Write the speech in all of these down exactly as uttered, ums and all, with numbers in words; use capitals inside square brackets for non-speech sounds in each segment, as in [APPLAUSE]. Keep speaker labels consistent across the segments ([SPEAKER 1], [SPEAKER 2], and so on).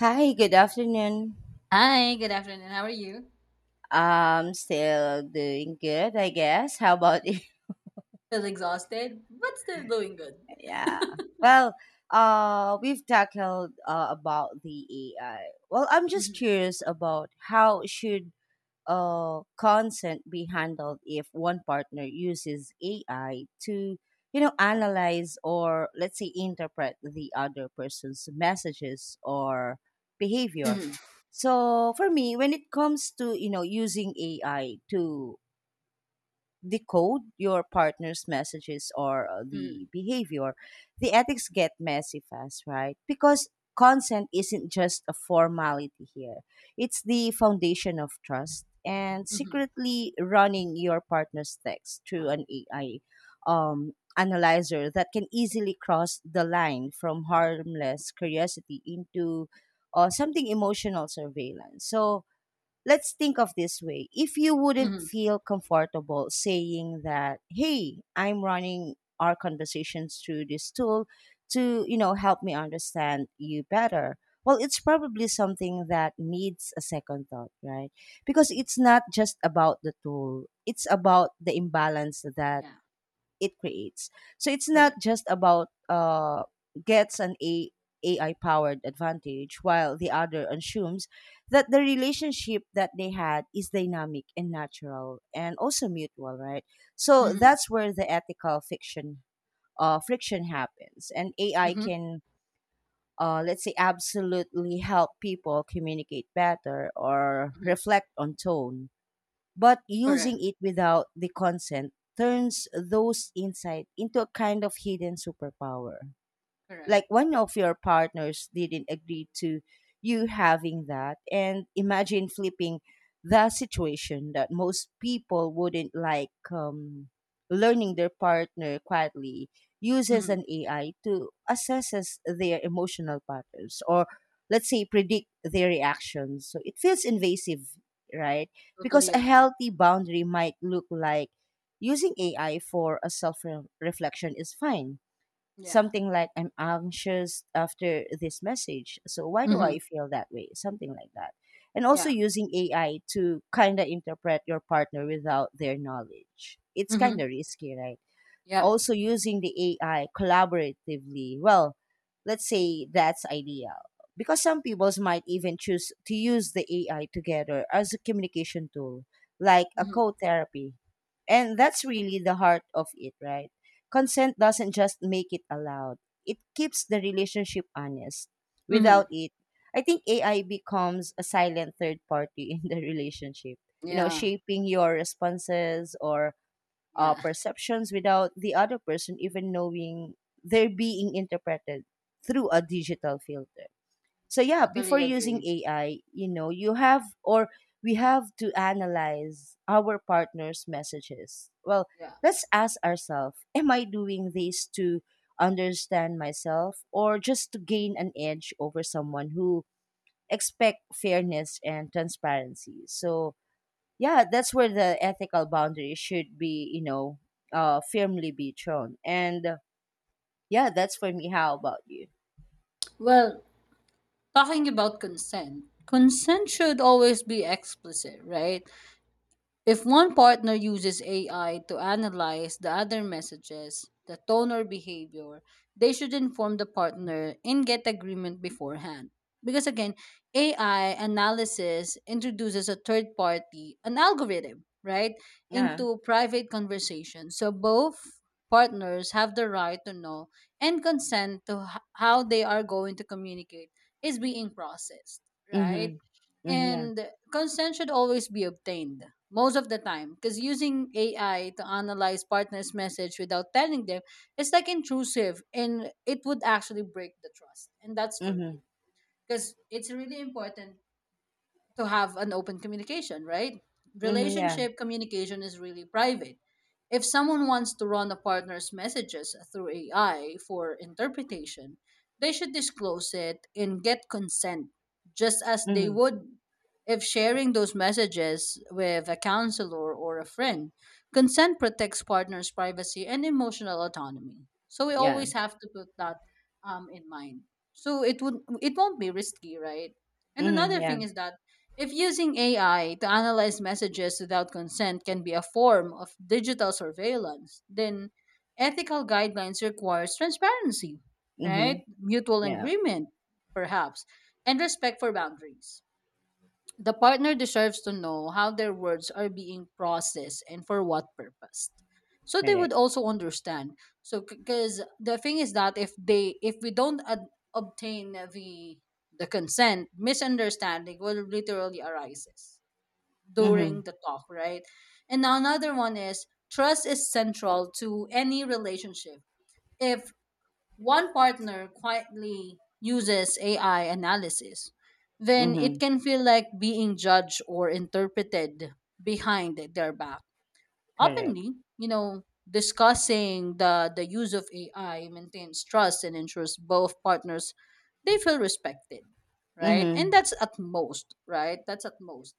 [SPEAKER 1] Hi, good afternoon.
[SPEAKER 2] Hi, good afternoon. How are you?
[SPEAKER 1] Um, still doing good, I guess. How about you? [LAUGHS]
[SPEAKER 2] Feel exhausted, but still doing good.
[SPEAKER 1] Yeah.
[SPEAKER 2] [LAUGHS]
[SPEAKER 1] Well, uh, we've tackled uh, about the A I. Well, I'm just
[SPEAKER 2] Mhm,
[SPEAKER 1] curious about how should uh, consent be handled if one partner uses A I to, you know, analyze or let's say interpret the other person's messages or behavior?
[SPEAKER 2] mhm,
[SPEAKER 1] So for me, when it comes to you know using A I to decode your partner's messages or uh,
[SPEAKER 2] mhm,
[SPEAKER 1] the behavior, the ethics get messy fast, right? Because consent isn't just a formality here, it's the foundation of trust. And
[SPEAKER 2] mhm,
[SPEAKER 1] secretly running your partner's text through an A I um, analyzer that can easily cross the line from harmless curiosity into uh, something emotional surveillance. So let's think of this way: if you wouldn't
[SPEAKER 2] mhm.
[SPEAKER 1] feel comfortable saying that, hey, I'm running our conversations through this tool to you know help me understand you better, well, it's probably something that needs a second thought, right? Because it's not just about the tool, it's about the imbalance that
[SPEAKER 2] Yeah,
[SPEAKER 1] it creates. So it's not
[SPEAKER 2] correct.
[SPEAKER 1] just about uh, gets an A- AI powered advantage, while the other assumes that the relationship that they had is dynamic and natural and also mutual, right? So
[SPEAKER 2] Mhm,
[SPEAKER 1] that's where the ethical fiction uh, friction happens, and A I
[SPEAKER 2] mhm,
[SPEAKER 1] can. Uh, let's say absolutely help people communicate better or
[SPEAKER 2] mhm.
[SPEAKER 1] reflect on tone, but using
[SPEAKER 2] Correct,
[SPEAKER 1] it without the consent turns those insights into a kind of hidden superpower,
[SPEAKER 2] correct.
[SPEAKER 1] like one of your partners didn't agree to you having that. And imagine flipping the situation; that most people wouldn't like um, learning their partner quietly uses
[SPEAKER 2] Mhm.
[SPEAKER 1] an ai to assesses their emotional patterns or, let's say, predict their reactions. So it feels invasive, right? Because
[SPEAKER 2] Totally
[SPEAKER 1] a
[SPEAKER 2] agree.
[SPEAKER 1] healthy boundary might look like using ai for a self reflection is fine.
[SPEAKER 2] Yeah.
[SPEAKER 1] Something like, I'm anxious after this message. So why do I
[SPEAKER 2] Mhm.
[SPEAKER 1] feel that way? Something like that. And also
[SPEAKER 2] Yeah.
[SPEAKER 1] using A I to kind of interpret your partner without their knowledge, it's kind of
[SPEAKER 2] Mhm.
[SPEAKER 1] risky, right?
[SPEAKER 2] Yep.
[SPEAKER 1] Also using the A I collaboratively, well, let's say that's ideal, because some people might even choose to use the A I together as a communication tool, like a
[SPEAKER 2] Mhm.
[SPEAKER 1] co-therapy. And that's really the heart of it, right? Consent doesn't just make it allowed, it keeps the relationship honest.
[SPEAKER 2] Mhm.
[SPEAKER 1] Without it, I think A I becomes a silent third party [LAUGHS] in the relationship, you know,
[SPEAKER 2] Yeah.
[SPEAKER 1] shaping your responses or uh,
[SPEAKER 2] Yeah. [LAUGHS]
[SPEAKER 1] perceptions without the other person even knowing they're being interpreted through a digital filter. So yeah, before
[SPEAKER 2] Totally
[SPEAKER 1] using
[SPEAKER 2] agree.
[SPEAKER 1] A I, you know, you have, or we have to analyze our partner's messages. Well,
[SPEAKER 2] Yeah.
[SPEAKER 1] let's ask ourselves, am I doing this to understand myself or just to gain an edge over someone who expect fairness and transparency? So yeah, that's where the ethical boundary should be, you know uh firmly be drawn. And uh, yeah, that's for me. How about you?
[SPEAKER 2] Well, talking about consent, consent should always be explicit, right? If one partner uses A I to analyze the other messages, the tone or behavior, they should inform the partner and get agreement beforehand. Because again, A I analysis introduces a third party, an algorithm, right,
[SPEAKER 1] Yeah.
[SPEAKER 2] into private conversations. So both partners have the right to know and consent to h- how they are going to communicate is being processed, right?
[SPEAKER 1] Mm-hmm, mm-hmm, yeah.
[SPEAKER 2] And consent should always be obtained most of the time because using A I to analyze partners' message without telling them is like intrusive and it would actually break the trust. And that's for
[SPEAKER 1] Mm-hmm,
[SPEAKER 2] real because it's really important to have an open communication, right?
[SPEAKER 1] mm-hmm, yeah.
[SPEAKER 2] Relationship communication is really private. If someone wants to run a partner's messages through A I for interpretation, they should disclose it and get consent, just as they
[SPEAKER 1] Mm-hmm,
[SPEAKER 2] would if sharing those messages with a counselor or a friend. Consent protects partners' privacy and emotional autonomy. So we
[SPEAKER 1] yeah.
[SPEAKER 2] always have to put that um, in mind. So it would it won't be risky, right? And another
[SPEAKER 1] Mm-hmm, yeah.
[SPEAKER 2] thing is that if using A I to analyze messages without consent can be a form of digital surveillance, then ethical guidelines requires transparency, right?
[SPEAKER 1] Mm-hmm,
[SPEAKER 2] Mutual
[SPEAKER 1] yeah.
[SPEAKER 2] agreement, perhaps, and respect for boundaries. The partner deserves to know how their words are being processed and for what purpose. So they would
[SPEAKER 1] Correct.
[SPEAKER 2] also understand. So because the thing is that if they if we don't ad- obtain the the consent, misunderstanding will literally arises
[SPEAKER 1] Mm-hmm.
[SPEAKER 2] during the talk, right? And now another one is trust is central to any relationship. If one partner quietly uses A I analysis, then it
[SPEAKER 1] Mm-hmm.
[SPEAKER 2] can feel like being judged or interpreted behind their back.
[SPEAKER 1] Correct.
[SPEAKER 2] Openly, you know, discussing the, the use of A I maintains trust and ensures both partners they feel respected, right? And
[SPEAKER 1] Mm-hmm,
[SPEAKER 2] that's at most, right? That's at most.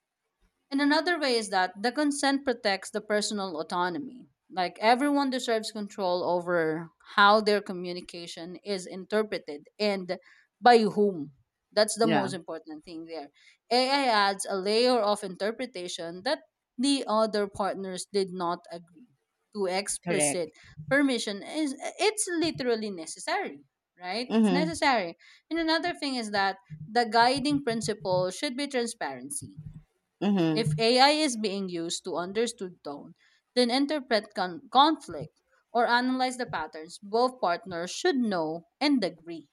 [SPEAKER 2] And another way is that the consent protects the personal autonomy. Like everyone deserves control over how their communication is interpreted and by whom. That's the
[SPEAKER 1] yeah.
[SPEAKER 2] most important thing there. A I adds a layer of interpretation that the other partners did not agree to.
[SPEAKER 1] Correct.
[SPEAKER 2] Explicit permission is it's literally necessary, right? It's
[SPEAKER 1] Mm-hmm.
[SPEAKER 2] necessary. And another thing is that the guiding principle should be transparency if
[SPEAKER 1] Mm-hmm.
[SPEAKER 2] A I is being used to understood tone, then interpret con- conflict or analyze the patterns both partners should know and agree,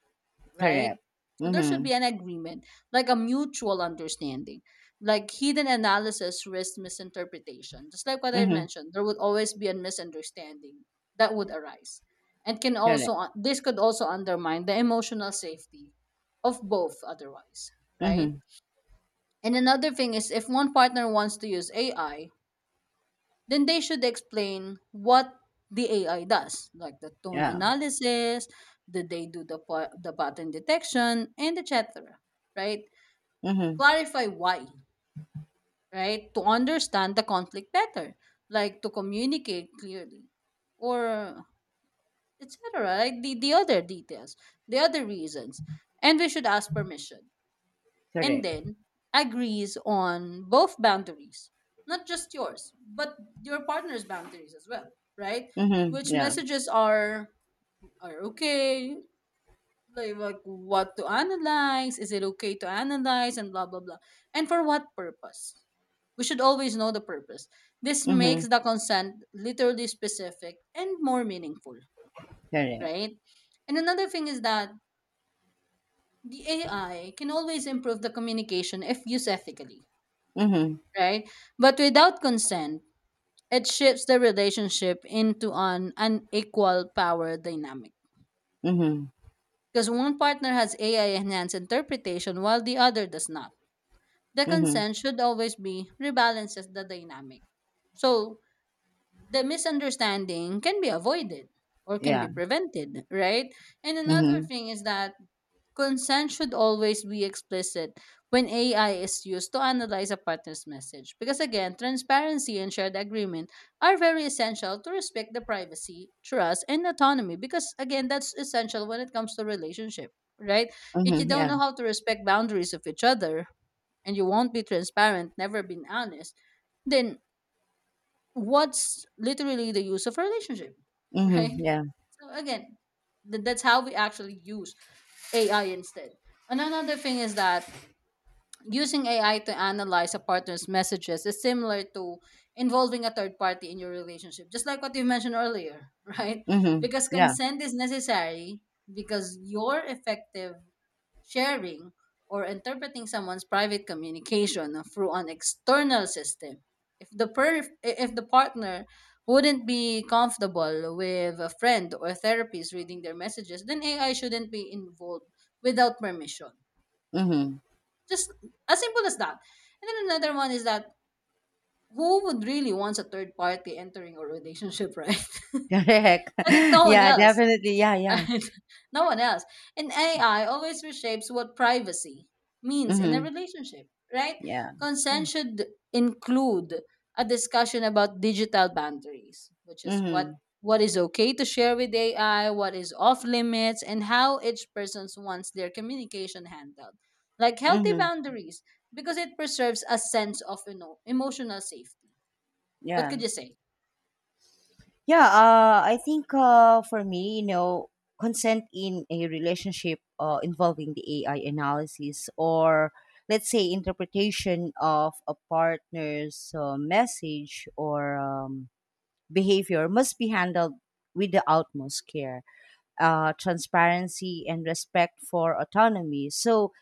[SPEAKER 2] right?
[SPEAKER 1] Correct.
[SPEAKER 2] So there should
[SPEAKER 1] Mm-hmm.
[SPEAKER 2] be an agreement, like a mutual understanding. Like hidden analysis risks misinterpretation. Just like what I've
[SPEAKER 1] Mm-hmm.
[SPEAKER 2] mentioned, there would always be a misunderstanding that would arise. And can
[SPEAKER 1] Correct.
[SPEAKER 2] also uh, this could also undermine the emotional safety of both otherwise, right?
[SPEAKER 1] Mm-hmm,
[SPEAKER 2] And another thing is if one partner wants to use A I, then they should explain what the A I does, like the tone
[SPEAKER 1] yeah.
[SPEAKER 2] analysis, did they do the pa- the pattern detection and et cetera, right?
[SPEAKER 1] Mm-hmm.
[SPEAKER 2] Clarify why, right? To understand the conflict better, like to communicate clearly or et cetera, like The the other details, the other reasons. And we should ask permission and
[SPEAKER 1] Correct.
[SPEAKER 2] then agrees on both boundaries, not just yours but your partner's boundaries as well, right?
[SPEAKER 1] Mm-hmm,
[SPEAKER 2] Which
[SPEAKER 1] yeah.
[SPEAKER 2] messages are are okay, like, like what to analyze, is it okay to analyze and blah blah blah, and for what purpose. We should always know the purpose. This
[SPEAKER 1] Mm-hmm.
[SPEAKER 2] makes the consent literally specific and more meaningful,
[SPEAKER 1] Correct.
[SPEAKER 2] right? And another thing is that the AI can always improve the communication if used ethically,
[SPEAKER 1] Mm-hmm.
[SPEAKER 2] right? But without consent, it shifts the relationship into an unequal power dynamic.
[SPEAKER 1] Mm-hmm.
[SPEAKER 2] Because one partner has A I enhanced interpretation while the other does not. The
[SPEAKER 1] Mm-hmm,
[SPEAKER 2] consent should always be rebalances the dynamic. So the misunderstanding can be avoided or can
[SPEAKER 1] yeah.
[SPEAKER 2] be prevented, right? And another
[SPEAKER 1] Mhm.
[SPEAKER 2] thing is that consent should always be explicit when A I is used to analyze a partner's message. Because again, transparency and shared agreement are very essential to respect the privacy, trust, and autonomy. Because again, that's essential when it comes to relationship, right? If you
[SPEAKER 1] Mhm.
[SPEAKER 2] don't
[SPEAKER 1] Yeah.
[SPEAKER 2] know how to respect boundaries of each other and you won't be transparent, never been honest, then what's literally the use of a relationship, [LAUGHS] right?
[SPEAKER 1] Mhm. Yeah.
[SPEAKER 2] So again, th- that's how we actually use A I instead. And another thing is that using A I to analyze a partner's messages is similar to involving a third party in your relationship, just like what you mentioned earlier, [LAUGHS] right?
[SPEAKER 1] Mhm.
[SPEAKER 2] Because
[SPEAKER 1] Yeah.
[SPEAKER 2] consent is necessary because your effective sharing, or interpreting someone's private communication through an external system. If the per- if the partner wouldn't be comfortable with a friend or therapist reading their messages, then A I shouldn't be involved without permission.
[SPEAKER 1] Mhm.
[SPEAKER 2] Just as simple as that. And then another one is that who would really want a third party entering a relationship, [LAUGHS] right?
[SPEAKER 1] [LAUGHS] Correct.
[SPEAKER 2] I think
[SPEAKER 1] [LAUGHS]
[SPEAKER 2] no one
[SPEAKER 1] Yeah.
[SPEAKER 2] else.
[SPEAKER 1] Definitely. Yeah. Yeah.
[SPEAKER 2] Right? [LAUGHS] No one else. And A I always reshapes what privacy means in a
[SPEAKER 1] Mhm.
[SPEAKER 2] relationship, right?
[SPEAKER 1] Yeah. Yeah.
[SPEAKER 2] Consent should include a discussion about digital boundaries, which is what
[SPEAKER 1] Mhm.
[SPEAKER 2] what is okay to share with A I, what is off limits, and how each person wants their communication handled. Like healthy
[SPEAKER 1] Mhm.
[SPEAKER 2] boundaries, because it preserves a sense of you know emotional safety. What
[SPEAKER 1] Yeah.
[SPEAKER 2] could you say?
[SPEAKER 1] Yeah. Uh, I think, uh, for me, you know, consent in a relationship uh, involving the A I analysis or, let's say, interpretation of a partner's uh, message or um, behavior must be handled with the utmost care, uh, transparency, and respect for autonomy. So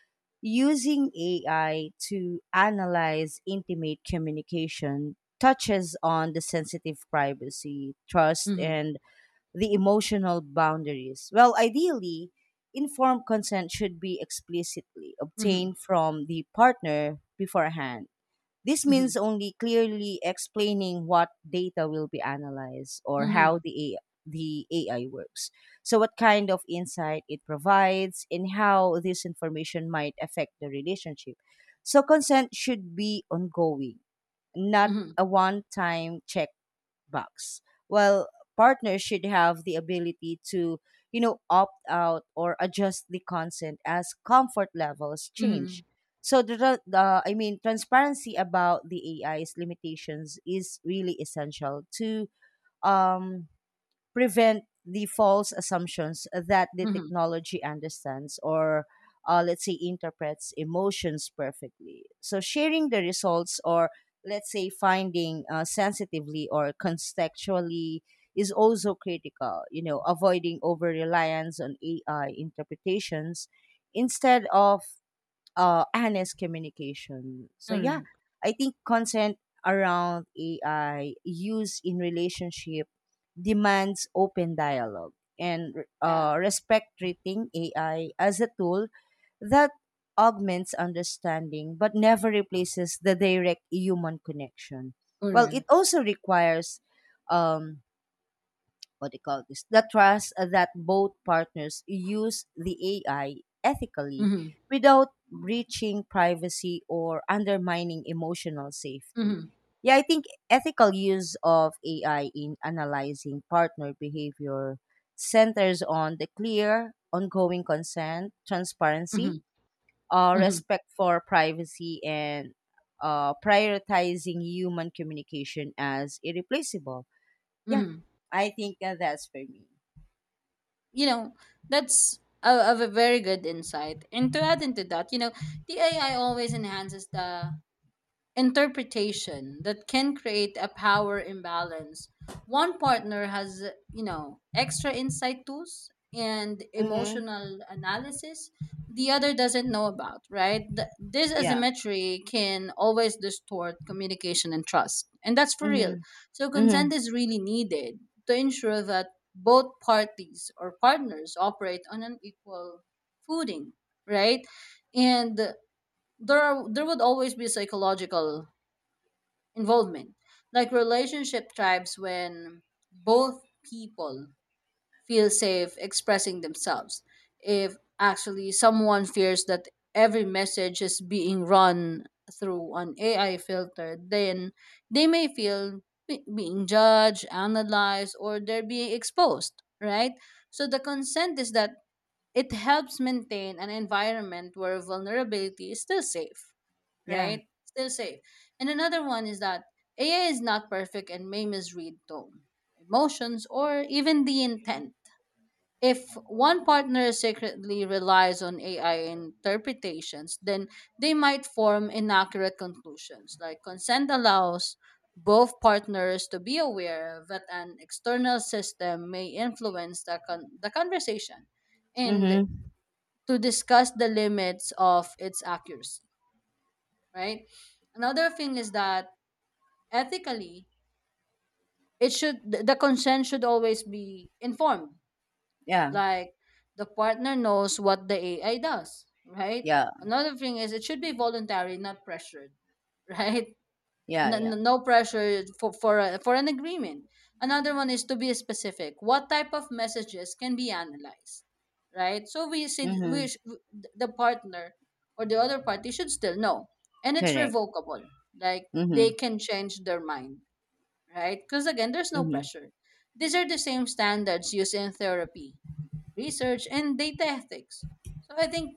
[SPEAKER 1] using A I to analyze intimate communication touches on the sensitive privacy, trust,
[SPEAKER 2] Mm-hmm,
[SPEAKER 1] and the emotional boundaries. Well, ideally, informed consent should be explicitly
[SPEAKER 2] mm-hmm,
[SPEAKER 1] obtained from the partner beforehand. This
[SPEAKER 2] mm-hmm,
[SPEAKER 1] means only clearly explaining what data will be analyzed or
[SPEAKER 2] mm-hmm,
[SPEAKER 1] how the A I, the A I works. So what kind of insight it provides and how this information might affect the relationship. So consent should be ongoing, not
[SPEAKER 2] mm-hmm,
[SPEAKER 1] a one time check bucks. Well, partners should have the ability to, you know, opt out or adjust the consent as comfort levels
[SPEAKER 2] mm-hmm,
[SPEAKER 1] change. So the, tra- the I mean transparency about the A I's limitations is really essential to um prevent the false assumptions that the
[SPEAKER 2] mm-hmm.
[SPEAKER 1] technology understands or, uh, let's say, interprets emotions perfectly. So sharing the results or, let's say, finding uh, sensitively or contextually is also critical, you know avoiding over reliance on ai interpretations instead of uh, honest communication. So yeah,
[SPEAKER 2] Correct.
[SPEAKER 1] I think consent around A I use in relationship demands open dialogue and
[SPEAKER 2] Yeah.
[SPEAKER 1] uh, respect, treating A I as a tool that augments understanding but never replaces the direct human connection. Well, it
[SPEAKER 2] Correct.
[SPEAKER 1] also requires um, what do you call this the trust that both partners use the A I ethically
[SPEAKER 2] Mhm.
[SPEAKER 1] without breaching privacy or undermining emotional safety.
[SPEAKER 2] Mhm.
[SPEAKER 1] Yeah, I think ethical use of A I in analyzing partner behavior centers on the clear, ongoing consent, transparency,
[SPEAKER 2] Mhm.
[SPEAKER 1] uh,
[SPEAKER 2] Mhm.
[SPEAKER 1] respect for privacy, and uh, prioritizing human communication as irreplaceable. Yeah,
[SPEAKER 2] Mhm.
[SPEAKER 1] I think that that's for me.
[SPEAKER 2] You know, that's a, of a very good insight. And to add into that, you know, the A I always enhances the interpretation that can create a power imbalance. One partner has, you know, extra insight tools and
[SPEAKER 1] Mm-hmm.
[SPEAKER 2] emotional analysis the other doesn't know about, right? Th- this
[SPEAKER 1] Yeah.
[SPEAKER 2] asymmetry can always distort communication and trust. And that's for real.
[SPEAKER 1] Mm-hmm.
[SPEAKER 2] So
[SPEAKER 1] Mm-hmm.
[SPEAKER 2] consent is really needed to ensure that both parties or partners operate on an equal footing, right? And there are there would always be psychological involvement, like relationship tribes, when both people feel safe expressing themselves. If actually someone fears that every message is being run through an AI filter, then they may feel be- being judged, analyzed, or they're being exposed, right? So the consent is that it helps maintain an environment where vulnerability is still safe,
[SPEAKER 1] Yeah.
[SPEAKER 2] right? Still safe. And another one is that A I is not perfect and may misread tone, emotions, or even the intent. If one partner secretly relies on A I interpretations, then they might form inaccurate conclusions. Like consent allows both partners to be aware that an external system may influence the, con- the conversation and
[SPEAKER 1] Mm-hmm.
[SPEAKER 2] to discuss the limits of its accuracy, right? Another thing is that ethically, it should th- the consent should always be informed.
[SPEAKER 1] Yeah.
[SPEAKER 2] Like the partner knows what the A I does, right?
[SPEAKER 1] Yeah.
[SPEAKER 2] Another thing is it should be voluntary, not pressured, [LAUGHS] right?
[SPEAKER 1] Yeah.
[SPEAKER 2] no,
[SPEAKER 1] Yeah.
[SPEAKER 2] no pressure for for a, for an agreement. Another one is to be specific. What type of messages can be analyzed, right? So we said we
[SPEAKER 1] Mm-hmm.
[SPEAKER 2] sh- w- the partner or the other party should still know, and it's
[SPEAKER 1] Correct.
[SPEAKER 2] revocable. Like they
[SPEAKER 1] Mm-hmm.
[SPEAKER 2] can change their mind, right? Because again, there's no
[SPEAKER 1] Mm-hmm.
[SPEAKER 2] pressure. These are the same standards used in therapy, research, and data ethics. So I think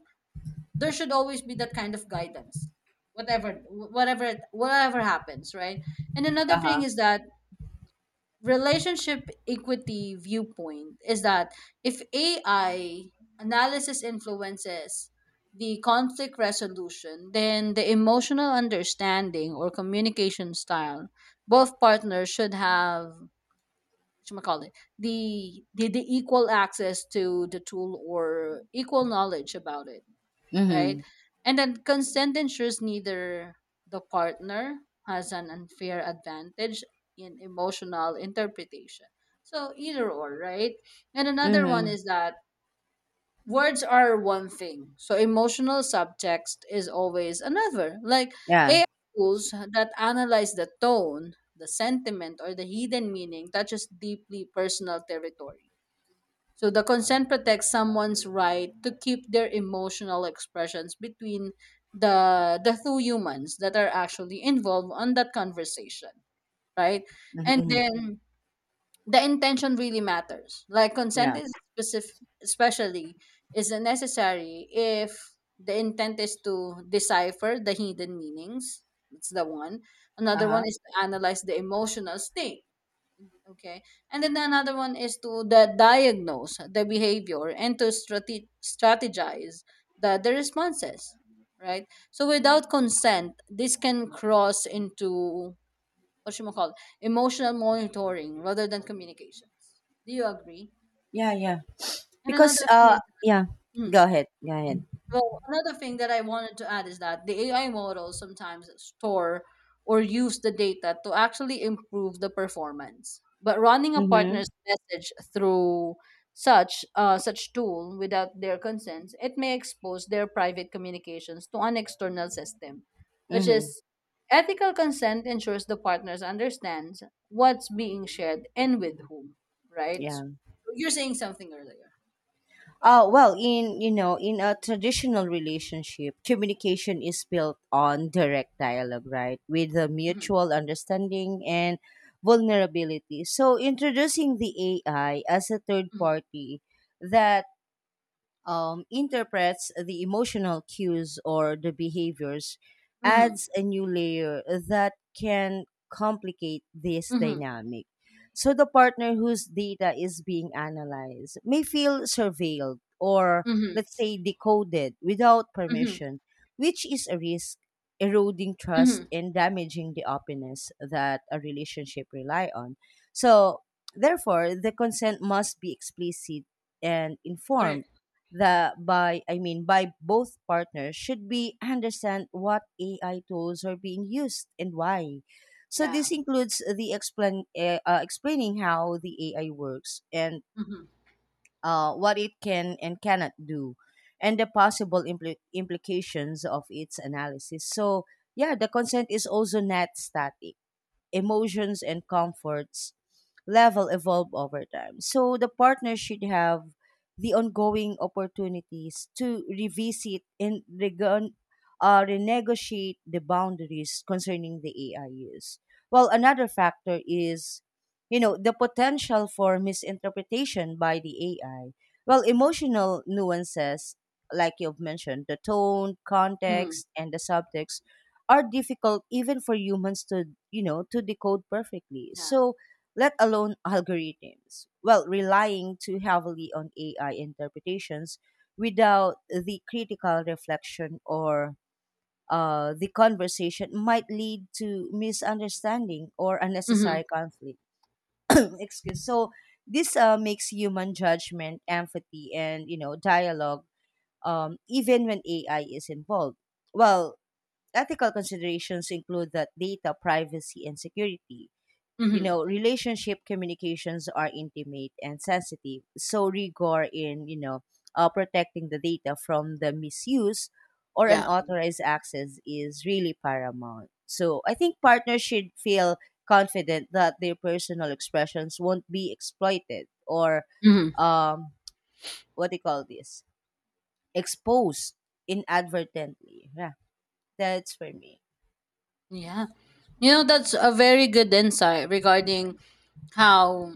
[SPEAKER 2] there should always be that kind of guidance, whatever whatever it- whatever happens, right? And another thing
[SPEAKER 1] Uh-huh.
[SPEAKER 2] is that relationship equity viewpoint is that if AI analysis influences the conflict resolution, then the emotional understanding or communication style, both partners should have, call it, the, the the equal access to the tool or equal knowledge about it,
[SPEAKER 1] Mm-hmm.
[SPEAKER 2] right? And then consent ensures neither the partner has an unfair advantage in emotional interpretation, so either or, right? And another one
[SPEAKER 1] Mm-hmm.
[SPEAKER 2] is that words are one thing, so emotional subtext is always another, like
[SPEAKER 1] Yeah.
[SPEAKER 2] AI tools that analyze the tone, the sentiment, or the hidden meaning touches deeply personal territory. So the consent protects someone's right to keep their emotional expressions between the the two humans that are actually involved on that conversation, right?
[SPEAKER 1] Mm-hmm.
[SPEAKER 2] And
[SPEAKER 1] Mm-hmm.
[SPEAKER 2] then the intention really matters. Like consent
[SPEAKER 1] Yeah.
[SPEAKER 2] is specific, especially is necessary if the intent is to decipher the hidden meanings. That's the one. Another one
[SPEAKER 1] Uh-huh.
[SPEAKER 2] is to analyze the emotional state. Okay, and then another one is to the diagnose the behavior and to strate- strategize the the responses. Right. So without consent, this can cross into what you call emotional monitoring rather than communications. Do you agree?
[SPEAKER 1] Yeah. Yeah.
[SPEAKER 2] And
[SPEAKER 1] Because
[SPEAKER 2] another thing
[SPEAKER 1] uh.
[SPEAKER 2] is,
[SPEAKER 1] Yeah.
[SPEAKER 2] that, hmm.
[SPEAKER 1] Go ahead. Go ahead.
[SPEAKER 2] Well, another thing that I wanted to add is that the A I models sometimes store or use the data to actually improve the performance. But running a
[SPEAKER 1] Mm-hmm.
[SPEAKER 2] partner's message through such uh, such tool without their consent, it may expose their private communications to an external system, which
[SPEAKER 1] Mm-hmm.
[SPEAKER 2] is ethical consent ensures the partners understands what's being shared and with whom, right? So,
[SPEAKER 1] Yeah.
[SPEAKER 2] you're saying something earlier.
[SPEAKER 1] Uh, well, in you know, in a traditional relationship, communication is built on direct dialogue, right, with a
[SPEAKER 2] Hmm.
[SPEAKER 1] mutual understanding and vulnerability. So introducing the A I as a third
[SPEAKER 2] Hmm.
[SPEAKER 1] party that um, interprets the emotional cues or the behaviors
[SPEAKER 2] Hmm.
[SPEAKER 1] adds a new layer that can complicate this
[SPEAKER 2] Hmm.
[SPEAKER 1] dynamic. So the partner whose data is being analyzed may feel surveilled or,
[SPEAKER 2] Hmm.
[SPEAKER 1] let's say, decoded without
[SPEAKER 2] Mhm.
[SPEAKER 1] permission, which is a risk, eroding trust
[SPEAKER 2] Mhm.
[SPEAKER 1] and damaging the openness that a relationship rely on. So therefore the consent must be explicit and informed,
[SPEAKER 2] Correct.
[SPEAKER 1] that, by I mean by both partners should be understand what A I tools are being used and why. So
[SPEAKER 2] Yeah.
[SPEAKER 1] this includes the explain eh, uh, explaining how the A I works and
[SPEAKER 2] Mhm.
[SPEAKER 1] uh, what it can and cannot do, and the possible impl- implications of its analysis. So yeah, the consent is also not static; emotions and comforts level evolve over time. So the partner should have the ongoing opportunities to revisit and regon- uh, renegotiate the boundaries concerning the A I use. Well, another factor is, you know, the potential for misinterpretation by the A I. Well, emotional nuances, like you've mentioned, the tone,
[SPEAKER 2] Mhm.
[SPEAKER 1] context, and the subtext are difficult even for humans to, you know, to decode perfectly,
[SPEAKER 2] Yeah.
[SPEAKER 1] so let alone algorithms. Well, relying too heavily on A I interpretations without the critical reflection or uh, the conversation might lead to misunderstanding or
[SPEAKER 2] Mhm.
[SPEAKER 1] unnecessary conflict. [COUGHS] [CLEARS THROAT] Excuse. So this uh, makes human judgment, empathy, and you know dialogue um, even when A I is involved. Well, ethical considerations include that data privacy and security. You
[SPEAKER 2] Mhm.
[SPEAKER 1] know, relationship communications are intimate and sensitive, so rigor in, you know, uh, protecting the data from the misuse or
[SPEAKER 2] Yeah.
[SPEAKER 1] unauthorized access is really paramount. So I think partners should feel confident that their personal expressions won't be exploited or
[SPEAKER 2] Mhm.
[SPEAKER 1] um, what do you call this? Exposed inadvertently. Yeah, that's for me.
[SPEAKER 2] Yeah. You know, that's a very good insight regarding how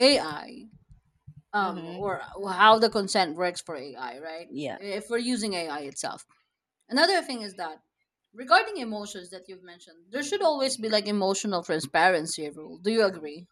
[SPEAKER 2] A I, um,
[SPEAKER 1] Mm-hmm.
[SPEAKER 2] or how the consent works for A I, right?
[SPEAKER 1] Yeah.
[SPEAKER 2] If we're using A I itself. Another thing is that regarding emotions that you've mentioned, there should always be like emotional transparency rule. Do you agree?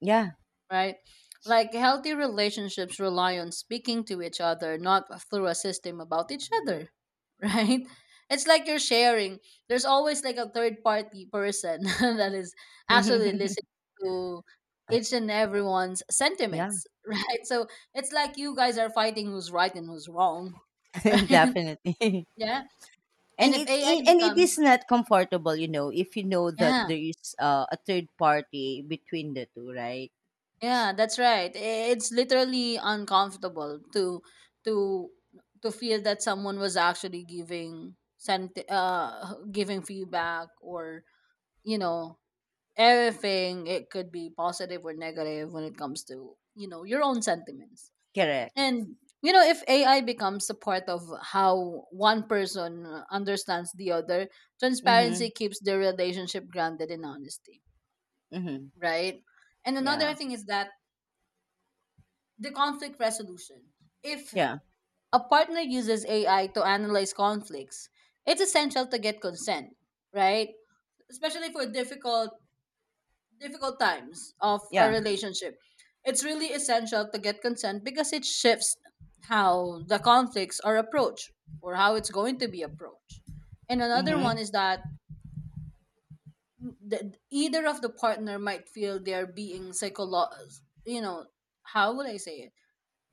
[SPEAKER 1] Yeah.
[SPEAKER 2] Right? Like healthy relationships rely on speaking to each other, not through a system about each other, [LAUGHS] right? It's like you're sharing. There's always like a third party person [LAUGHS] that is actually listening
[SPEAKER 1] [LAUGHS]
[SPEAKER 2] to each and everyone's
[SPEAKER 1] Yeah,
[SPEAKER 2] sentiments, [LAUGHS] right? So it's like you guys are fighting who's right and who's wrong, [LAUGHS]
[SPEAKER 1] [LAUGHS]
[SPEAKER 2] right?
[SPEAKER 1] definitely. [LAUGHS]
[SPEAKER 2] Yeah.
[SPEAKER 1] And
[SPEAKER 2] And if
[SPEAKER 1] it,
[SPEAKER 2] A I
[SPEAKER 1] it and it is
[SPEAKER 2] becomes,
[SPEAKER 1] not comfortable, you know, if you know that
[SPEAKER 2] yeah.
[SPEAKER 1] there is uh, a third party between the two, right?
[SPEAKER 2] Yeah, that's right. I- It's literally uncomfortable to to to feel that someone was actually giving sent uh giving feedback, or you know everything. It could be positive or negative when it comes to you know your own sentiments.
[SPEAKER 1] Correct.
[SPEAKER 2] And you know, if A I becomes a part of how one person understands the other, transparency
[SPEAKER 1] Mhm.
[SPEAKER 2] keeps the relationship grounded in honesty,
[SPEAKER 1] Mhm.
[SPEAKER 2] right? And another
[SPEAKER 1] Yeah.
[SPEAKER 2] thing is that the conflict resolution. If
[SPEAKER 1] Yeah.
[SPEAKER 2] a partner uses A I to analyze conflicts, it's essential to get consent, right? Especially for difficult difficult times of a
[SPEAKER 1] Yeah.
[SPEAKER 2] relationship. It's really essential to get consent because it shifts how the conflicts are approached, or how it's going to be approached. And another one
[SPEAKER 1] Mhm.
[SPEAKER 2] is that the, either of the partner might feel they're being psycholo you know, how would I say it?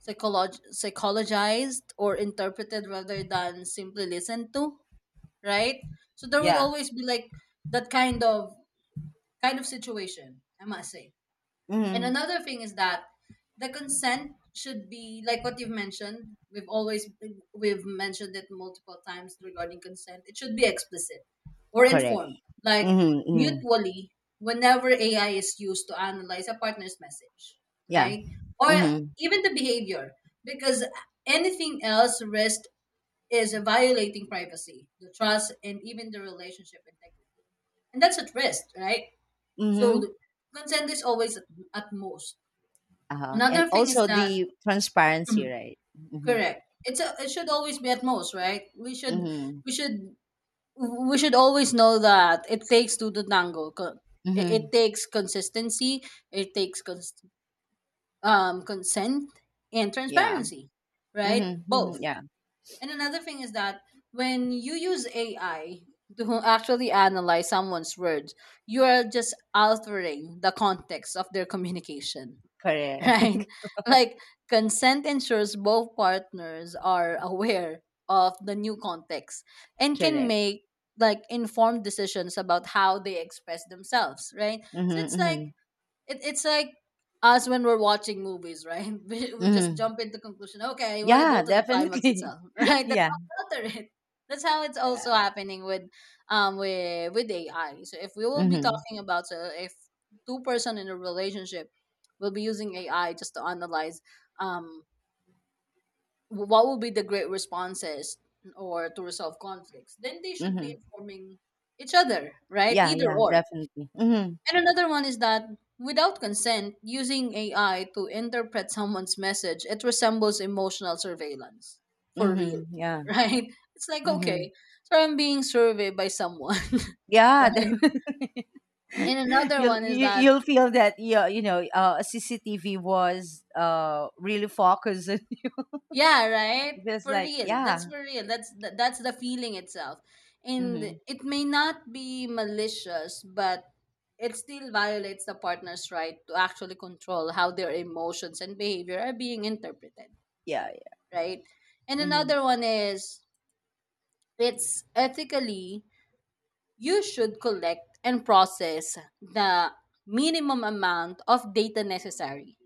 [SPEAKER 2] psycholog- psychologized or interpreted rather than simply listened to, right? So there would
[SPEAKER 1] Yeah.
[SPEAKER 2] always be like that kind of kind of situation, I must say. And
[SPEAKER 1] Mhm.
[SPEAKER 2] another thing is that the consent should be like what you've mentioned. We've always we've mentioned it multiple times regarding consent. It should be explicit or
[SPEAKER 1] Correct.
[SPEAKER 2] informed, like
[SPEAKER 1] Mhm. Mhm.
[SPEAKER 2] mutually whenever A I is used to analyze a partner's message,
[SPEAKER 1] Yeah.
[SPEAKER 2] right? Or
[SPEAKER 1] Mhm.
[SPEAKER 2] even the behavior, because anything else risk is violating privacy, the trust, and even the relationship integrity, and that's at risk, right? So
[SPEAKER 1] Mhm.
[SPEAKER 2] the consent is always at, at most.
[SPEAKER 1] Uh-huh. And
[SPEAKER 2] Another thing is
[SPEAKER 1] also
[SPEAKER 2] that,
[SPEAKER 1] the transparency,
[SPEAKER 2] mhm,
[SPEAKER 1] right? Mhm.
[SPEAKER 2] correct. It's a, it should always be at most, right? We should
[SPEAKER 1] Mhm.
[SPEAKER 2] we should we should always know that it takes two to tango. Co- It, it
[SPEAKER 1] Mhm.
[SPEAKER 2] takes consistency. It takes cons- um, consent and
[SPEAKER 1] Yeah.
[SPEAKER 2] transparency, right?
[SPEAKER 1] Mhm. Mhm.
[SPEAKER 2] Both.
[SPEAKER 1] Yeah.
[SPEAKER 2] And another thing is that when you use A I to actually analyze someone's words, you are just altering the context of their communication, [LAUGHS]
[SPEAKER 1] Correct.
[SPEAKER 2] right?
[SPEAKER 1] [LAUGHS]
[SPEAKER 2] Like consent ensures both partners are [LAUGHS] aware of the new context and can
[SPEAKER 1] Correct.
[SPEAKER 2] make like informed decisions about how they express themselves, right? So
[SPEAKER 1] Mhm.
[SPEAKER 2] it's like
[SPEAKER 1] Mhm.
[SPEAKER 2] it, it's like us when we're watching movies, right? [LAUGHS] We, we just
[SPEAKER 1] Mhm.
[SPEAKER 2] jump into conclusion. Okay, I want to go
[SPEAKER 1] Yeah,
[SPEAKER 2] to the climax
[SPEAKER 1] definitely.
[SPEAKER 2] itself, [LAUGHS]
[SPEAKER 1] [LAUGHS]
[SPEAKER 2] right? That's
[SPEAKER 1] Yeah,
[SPEAKER 2] how we alter it. That's how it's
[SPEAKER 1] yeah.
[SPEAKER 2] also happening with um with with A I. So if we will be
[SPEAKER 1] Mhm.
[SPEAKER 2] talking about so if two person in a relationship will be using A I just to analyze um wh- what will be the great responses or to resolve conflicts, then they should be
[SPEAKER 1] Mhm.
[SPEAKER 2] informing each other, right?
[SPEAKER 1] Yeah,
[SPEAKER 2] Either
[SPEAKER 1] yeah,
[SPEAKER 2] or.
[SPEAKER 1] definitely. Mhm.
[SPEAKER 2] And another one is that without consent, using A I to interpret someone's message, it resembles emotional surveillance for real,
[SPEAKER 1] Mhm. Yeah.
[SPEAKER 2] [LAUGHS] right? It's like,
[SPEAKER 1] Mhm.
[SPEAKER 2] okay, so I'm being surveyed by someone, [LAUGHS]
[SPEAKER 1] Yeah, [LAUGHS]
[SPEAKER 2] right?
[SPEAKER 1] definitely.
[SPEAKER 2] And another
[SPEAKER 1] you'll
[SPEAKER 2] one is
[SPEAKER 1] you,
[SPEAKER 2] that,
[SPEAKER 1] you'll feel that, yeah, you know, uh C C T V was uh really focused on you.
[SPEAKER 2] yeah, right?
[SPEAKER 1] [LAUGHS] Just
[SPEAKER 2] For
[SPEAKER 1] like,
[SPEAKER 2] real. That's
[SPEAKER 1] yeah.
[SPEAKER 2] for real. That's th- that's the feeling itself. And
[SPEAKER 1] Mhm.
[SPEAKER 2] it may not be malicious, but it still violates the partner's right to actually control how their emotions and behavior are being interpreted,
[SPEAKER 1] Yeah. Yeah.
[SPEAKER 2] right? And
[SPEAKER 1] Mhm.
[SPEAKER 2] another one is it's ethically you should collect and process the minimum amount of data necessary.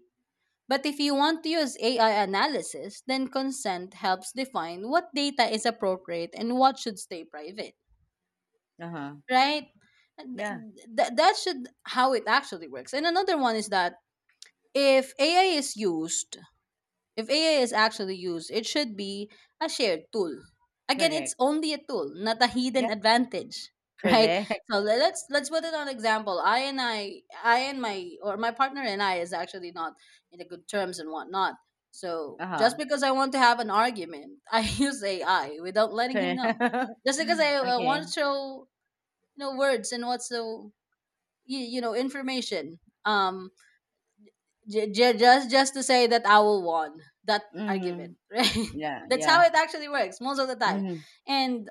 [SPEAKER 2] But if you want to use A I analysis, then consent helps define what data is appropriate and what should stay private,
[SPEAKER 1] Uh-huh.
[SPEAKER 2] right?
[SPEAKER 1] Yeah,
[SPEAKER 2] Th- th- that should how it actually works. And another one is that if A I is used if A I is actually used, it should be a shared tool. Again, it's
[SPEAKER 1] correct.
[SPEAKER 2] only a tool, not a
[SPEAKER 1] Yeah,
[SPEAKER 2] hidden advantage, [LAUGHS] right?
[SPEAKER 1] correct. [LAUGHS]
[SPEAKER 2] So le- let's let's put it on example. I and I, I and my or my partner and I is actually not in a good terms and whatnot. So just
[SPEAKER 1] Uh-huh.
[SPEAKER 2] because I want to have an argument, [LAUGHS] I use A I without letting him
[SPEAKER 1] Correct.
[SPEAKER 2] know.
[SPEAKER 1] [LAUGHS]
[SPEAKER 2] Just because I uh,
[SPEAKER 1] Okay.
[SPEAKER 2] want to show you know words and what's the you, you know information. Um, J- j- just just to say that I will won that
[SPEAKER 1] Mhm.
[SPEAKER 2] argument, [LAUGHS] right?
[SPEAKER 1] Yeah,
[SPEAKER 2] That's how
[SPEAKER 1] yeah.
[SPEAKER 2] it actually works most of the time.
[SPEAKER 1] Mhm.
[SPEAKER 2] And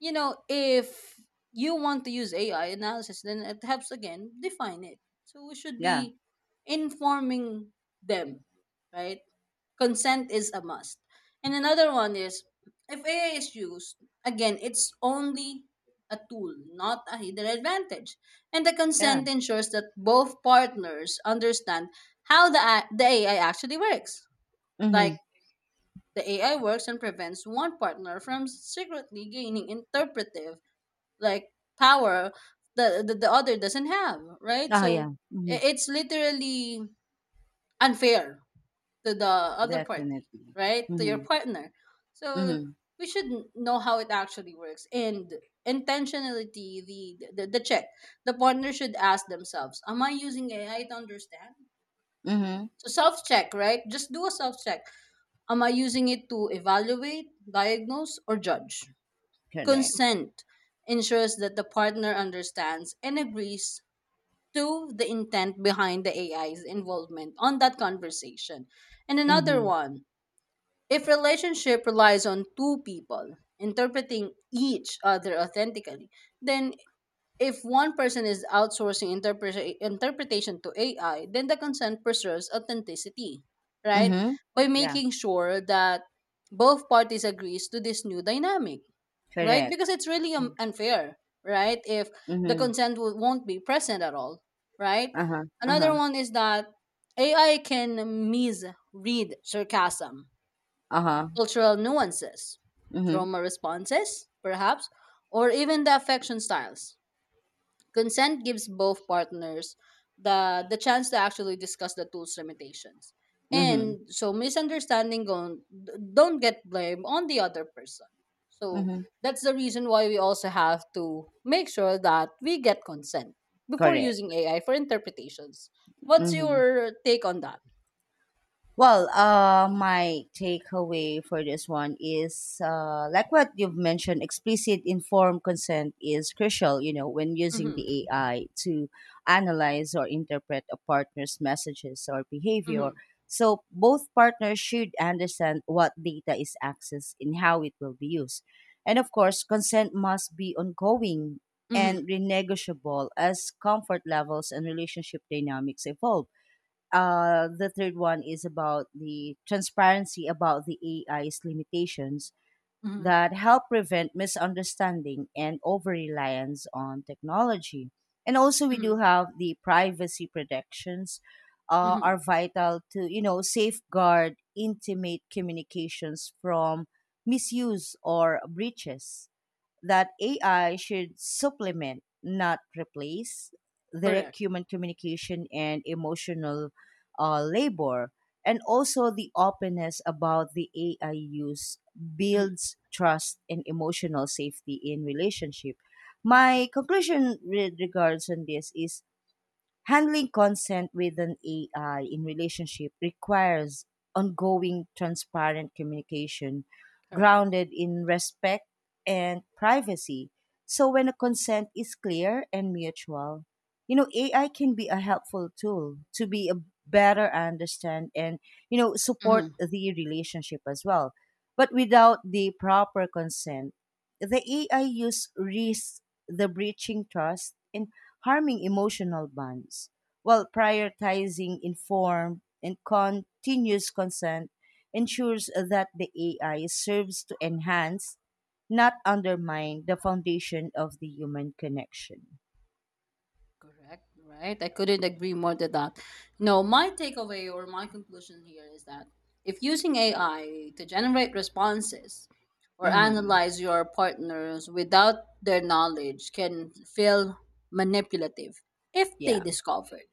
[SPEAKER 2] you know, if you want to use A I analysis, then it helps again define it. So we should
[SPEAKER 1] Yeah.
[SPEAKER 2] be informing them, right? Consent is a must. And another one is, if A I is used, again, it's only a tool, not a hidden advantage. And the
[SPEAKER 1] Yeah.
[SPEAKER 2] consent ensures that both partners understand how the, a- the A I actually works. Like
[SPEAKER 1] Mhm.
[SPEAKER 2] the A I works and prevents one partner from secretly gaining interpretive like power that the, the other doesn't have, right?
[SPEAKER 1] Oh yeah.
[SPEAKER 2] So i-
[SPEAKER 1] Mhm.
[SPEAKER 2] it's literally unfair to the other party,
[SPEAKER 1] Definitely.
[SPEAKER 2] right? To your
[SPEAKER 1] Mhm.
[SPEAKER 2] partner. So
[SPEAKER 1] Mhm.
[SPEAKER 2] we should n- know how it actually works. And intentionality, the, the the check. The partner should ask themselves, am I using A I to understand?
[SPEAKER 1] Mhm.
[SPEAKER 2] So self check, right? Just do a self check. Am I using it to evaluate, diagnose, or judge?
[SPEAKER 1] Correct.
[SPEAKER 2] Consent ensures that the partner understands and agrees to the intent behind the A I's involvement on that conversation. And another
[SPEAKER 1] Mhm.
[SPEAKER 2] one, if relationship relies on two people interpreting each other authentically, then if one person is outsourcing interpre- interpretation to A I, then the consent preserves authenticity, right?
[SPEAKER 1] Mhm.
[SPEAKER 2] By
[SPEAKER 1] Yeah.
[SPEAKER 2] making sure that both parties agrees to this new dynamic, right? Because
[SPEAKER 1] Correct.
[SPEAKER 2] it's really um, unfair, right? If the
[SPEAKER 1] Mhm.
[SPEAKER 2] consent w- won't be present at all, right?
[SPEAKER 1] Uh huh. Uh
[SPEAKER 2] Another
[SPEAKER 1] huh.
[SPEAKER 2] one is that A I can misread sarcasm,
[SPEAKER 1] Uh huh.
[SPEAKER 2] cultural nuances,
[SPEAKER 1] Mhm.
[SPEAKER 2] trauma responses, perhaps, or even the affection styles. Consent gives both partners the the chance to actually discuss the tool's limitations.
[SPEAKER 1] Mhm.
[SPEAKER 2] And so misunderstanding gon- don't get blamed on the other person. So
[SPEAKER 1] Mhm.
[SPEAKER 2] that's the reason why we also have to make sure that we get consent before
[SPEAKER 1] Correct.
[SPEAKER 2] using A I for interpretations. What's
[SPEAKER 1] Mhm.
[SPEAKER 2] your take on that?
[SPEAKER 1] Well, uh, my takeaway for this one is, uh, like what you've mentioned, explicit informed consent is crucial, you know, when using
[SPEAKER 2] Mm-hmm.
[SPEAKER 1] the A I to analyze or interpret a partner's messages or behavior.
[SPEAKER 2] Mm-hmm.
[SPEAKER 1] So both partners should understand what data is accessed and how it will be used. And of course, consent must be ongoing
[SPEAKER 2] Mm-hmm.
[SPEAKER 1] and renegotiable as comfort levels and relationship dynamics evolve. Uh, the third one is about the transparency about the A I's limitations
[SPEAKER 2] Mm-hmm.
[SPEAKER 1] that help prevent misunderstanding and over reliance on technology. And also, we
[SPEAKER 2] Mm-hmm.
[SPEAKER 1] do have the privacy protections uh, are
[SPEAKER 2] Mm-hmm.
[SPEAKER 1] vital to you know safeguard intimate communications from misuse or breaches, that A I should supplement, not replace,
[SPEAKER 2] Correct.
[SPEAKER 1] direct human communication and emotional uh, labor. And also, the openness about the A I use builds trust and emotional safety in relationship. My conclusion with regards on this is, handling consent with an A I in relationship requires ongoing transparent communication
[SPEAKER 2] Correct.
[SPEAKER 1] grounded in respect and privacy. So when a consent is clear and mutual, you know, A I can be a helpful tool to be a better understand and, you know, support
[SPEAKER 2] Mhm.
[SPEAKER 1] the relationship as well. But without the proper consent, the A I use risks the breaching trust and harming emotional bonds, while prioritizing informed and continuous consent ensures that the A I serves to enhance, not undermine, the foundation of the human connection.
[SPEAKER 2] Correct. Right. I couldn't agree more to that. No, my takeaway or my conclusion here is that if using A I to generate responses or
[SPEAKER 1] Mm-hmm.
[SPEAKER 2] analyze your partners without their knowledge can feel manipulative if they
[SPEAKER 1] Yeah,
[SPEAKER 2] discovered.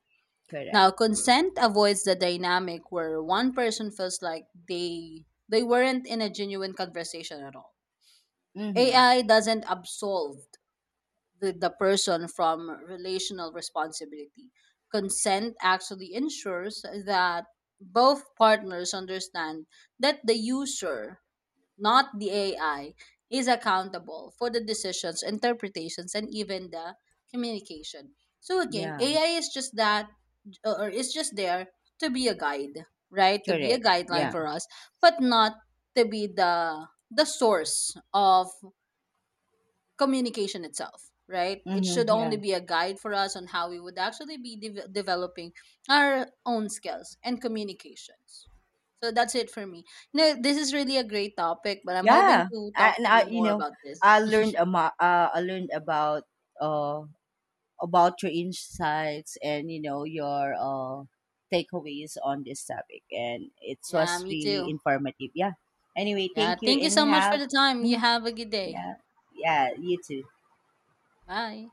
[SPEAKER 1] correct.
[SPEAKER 2] Now, consent avoids the dynamic where one person feels like they they weren't in a genuine conversation at all.
[SPEAKER 1] Mm-hmm.
[SPEAKER 2] A I doesn't absolve the, the person from relational responsibility. Consent actually ensures that both partners understand that the user, not the A I, is accountable for the decisions, interpretations, and even the communication. So again,
[SPEAKER 1] Yeah,
[SPEAKER 2] A I is just that, or is just there to be a guide, right? To be a
[SPEAKER 1] correct.
[SPEAKER 2] guideline
[SPEAKER 1] Yeah.
[SPEAKER 2] for us, but not to be the the source of communication itself, right? It should
[SPEAKER 1] Mm-hmm.
[SPEAKER 2] only
[SPEAKER 1] Yeah.
[SPEAKER 2] be a guide for us on how we would actually be de- developing our own skills and communications. So that's it for me. No, this is really a great topic, but I'm hoping
[SPEAKER 1] Yeah.
[SPEAKER 2] to talk
[SPEAKER 1] And
[SPEAKER 2] to you
[SPEAKER 1] I, you
[SPEAKER 2] more
[SPEAKER 1] know,
[SPEAKER 2] about this.
[SPEAKER 1] I learned about, uh, I learned about, uh, about your insights, and you know your uh, takeaways on this topic, and it
[SPEAKER 2] Yeah,
[SPEAKER 1] was
[SPEAKER 2] me
[SPEAKER 1] really
[SPEAKER 2] too.
[SPEAKER 1] informative. Yeah, anyway,
[SPEAKER 2] Yeah,
[SPEAKER 1] thank you
[SPEAKER 2] thank you
[SPEAKER 1] and
[SPEAKER 2] so much for
[SPEAKER 1] have
[SPEAKER 2] the time. You
[SPEAKER 1] Mhm.
[SPEAKER 2] have a good day.
[SPEAKER 1] Yeah, yeah, you too.
[SPEAKER 2] Bye.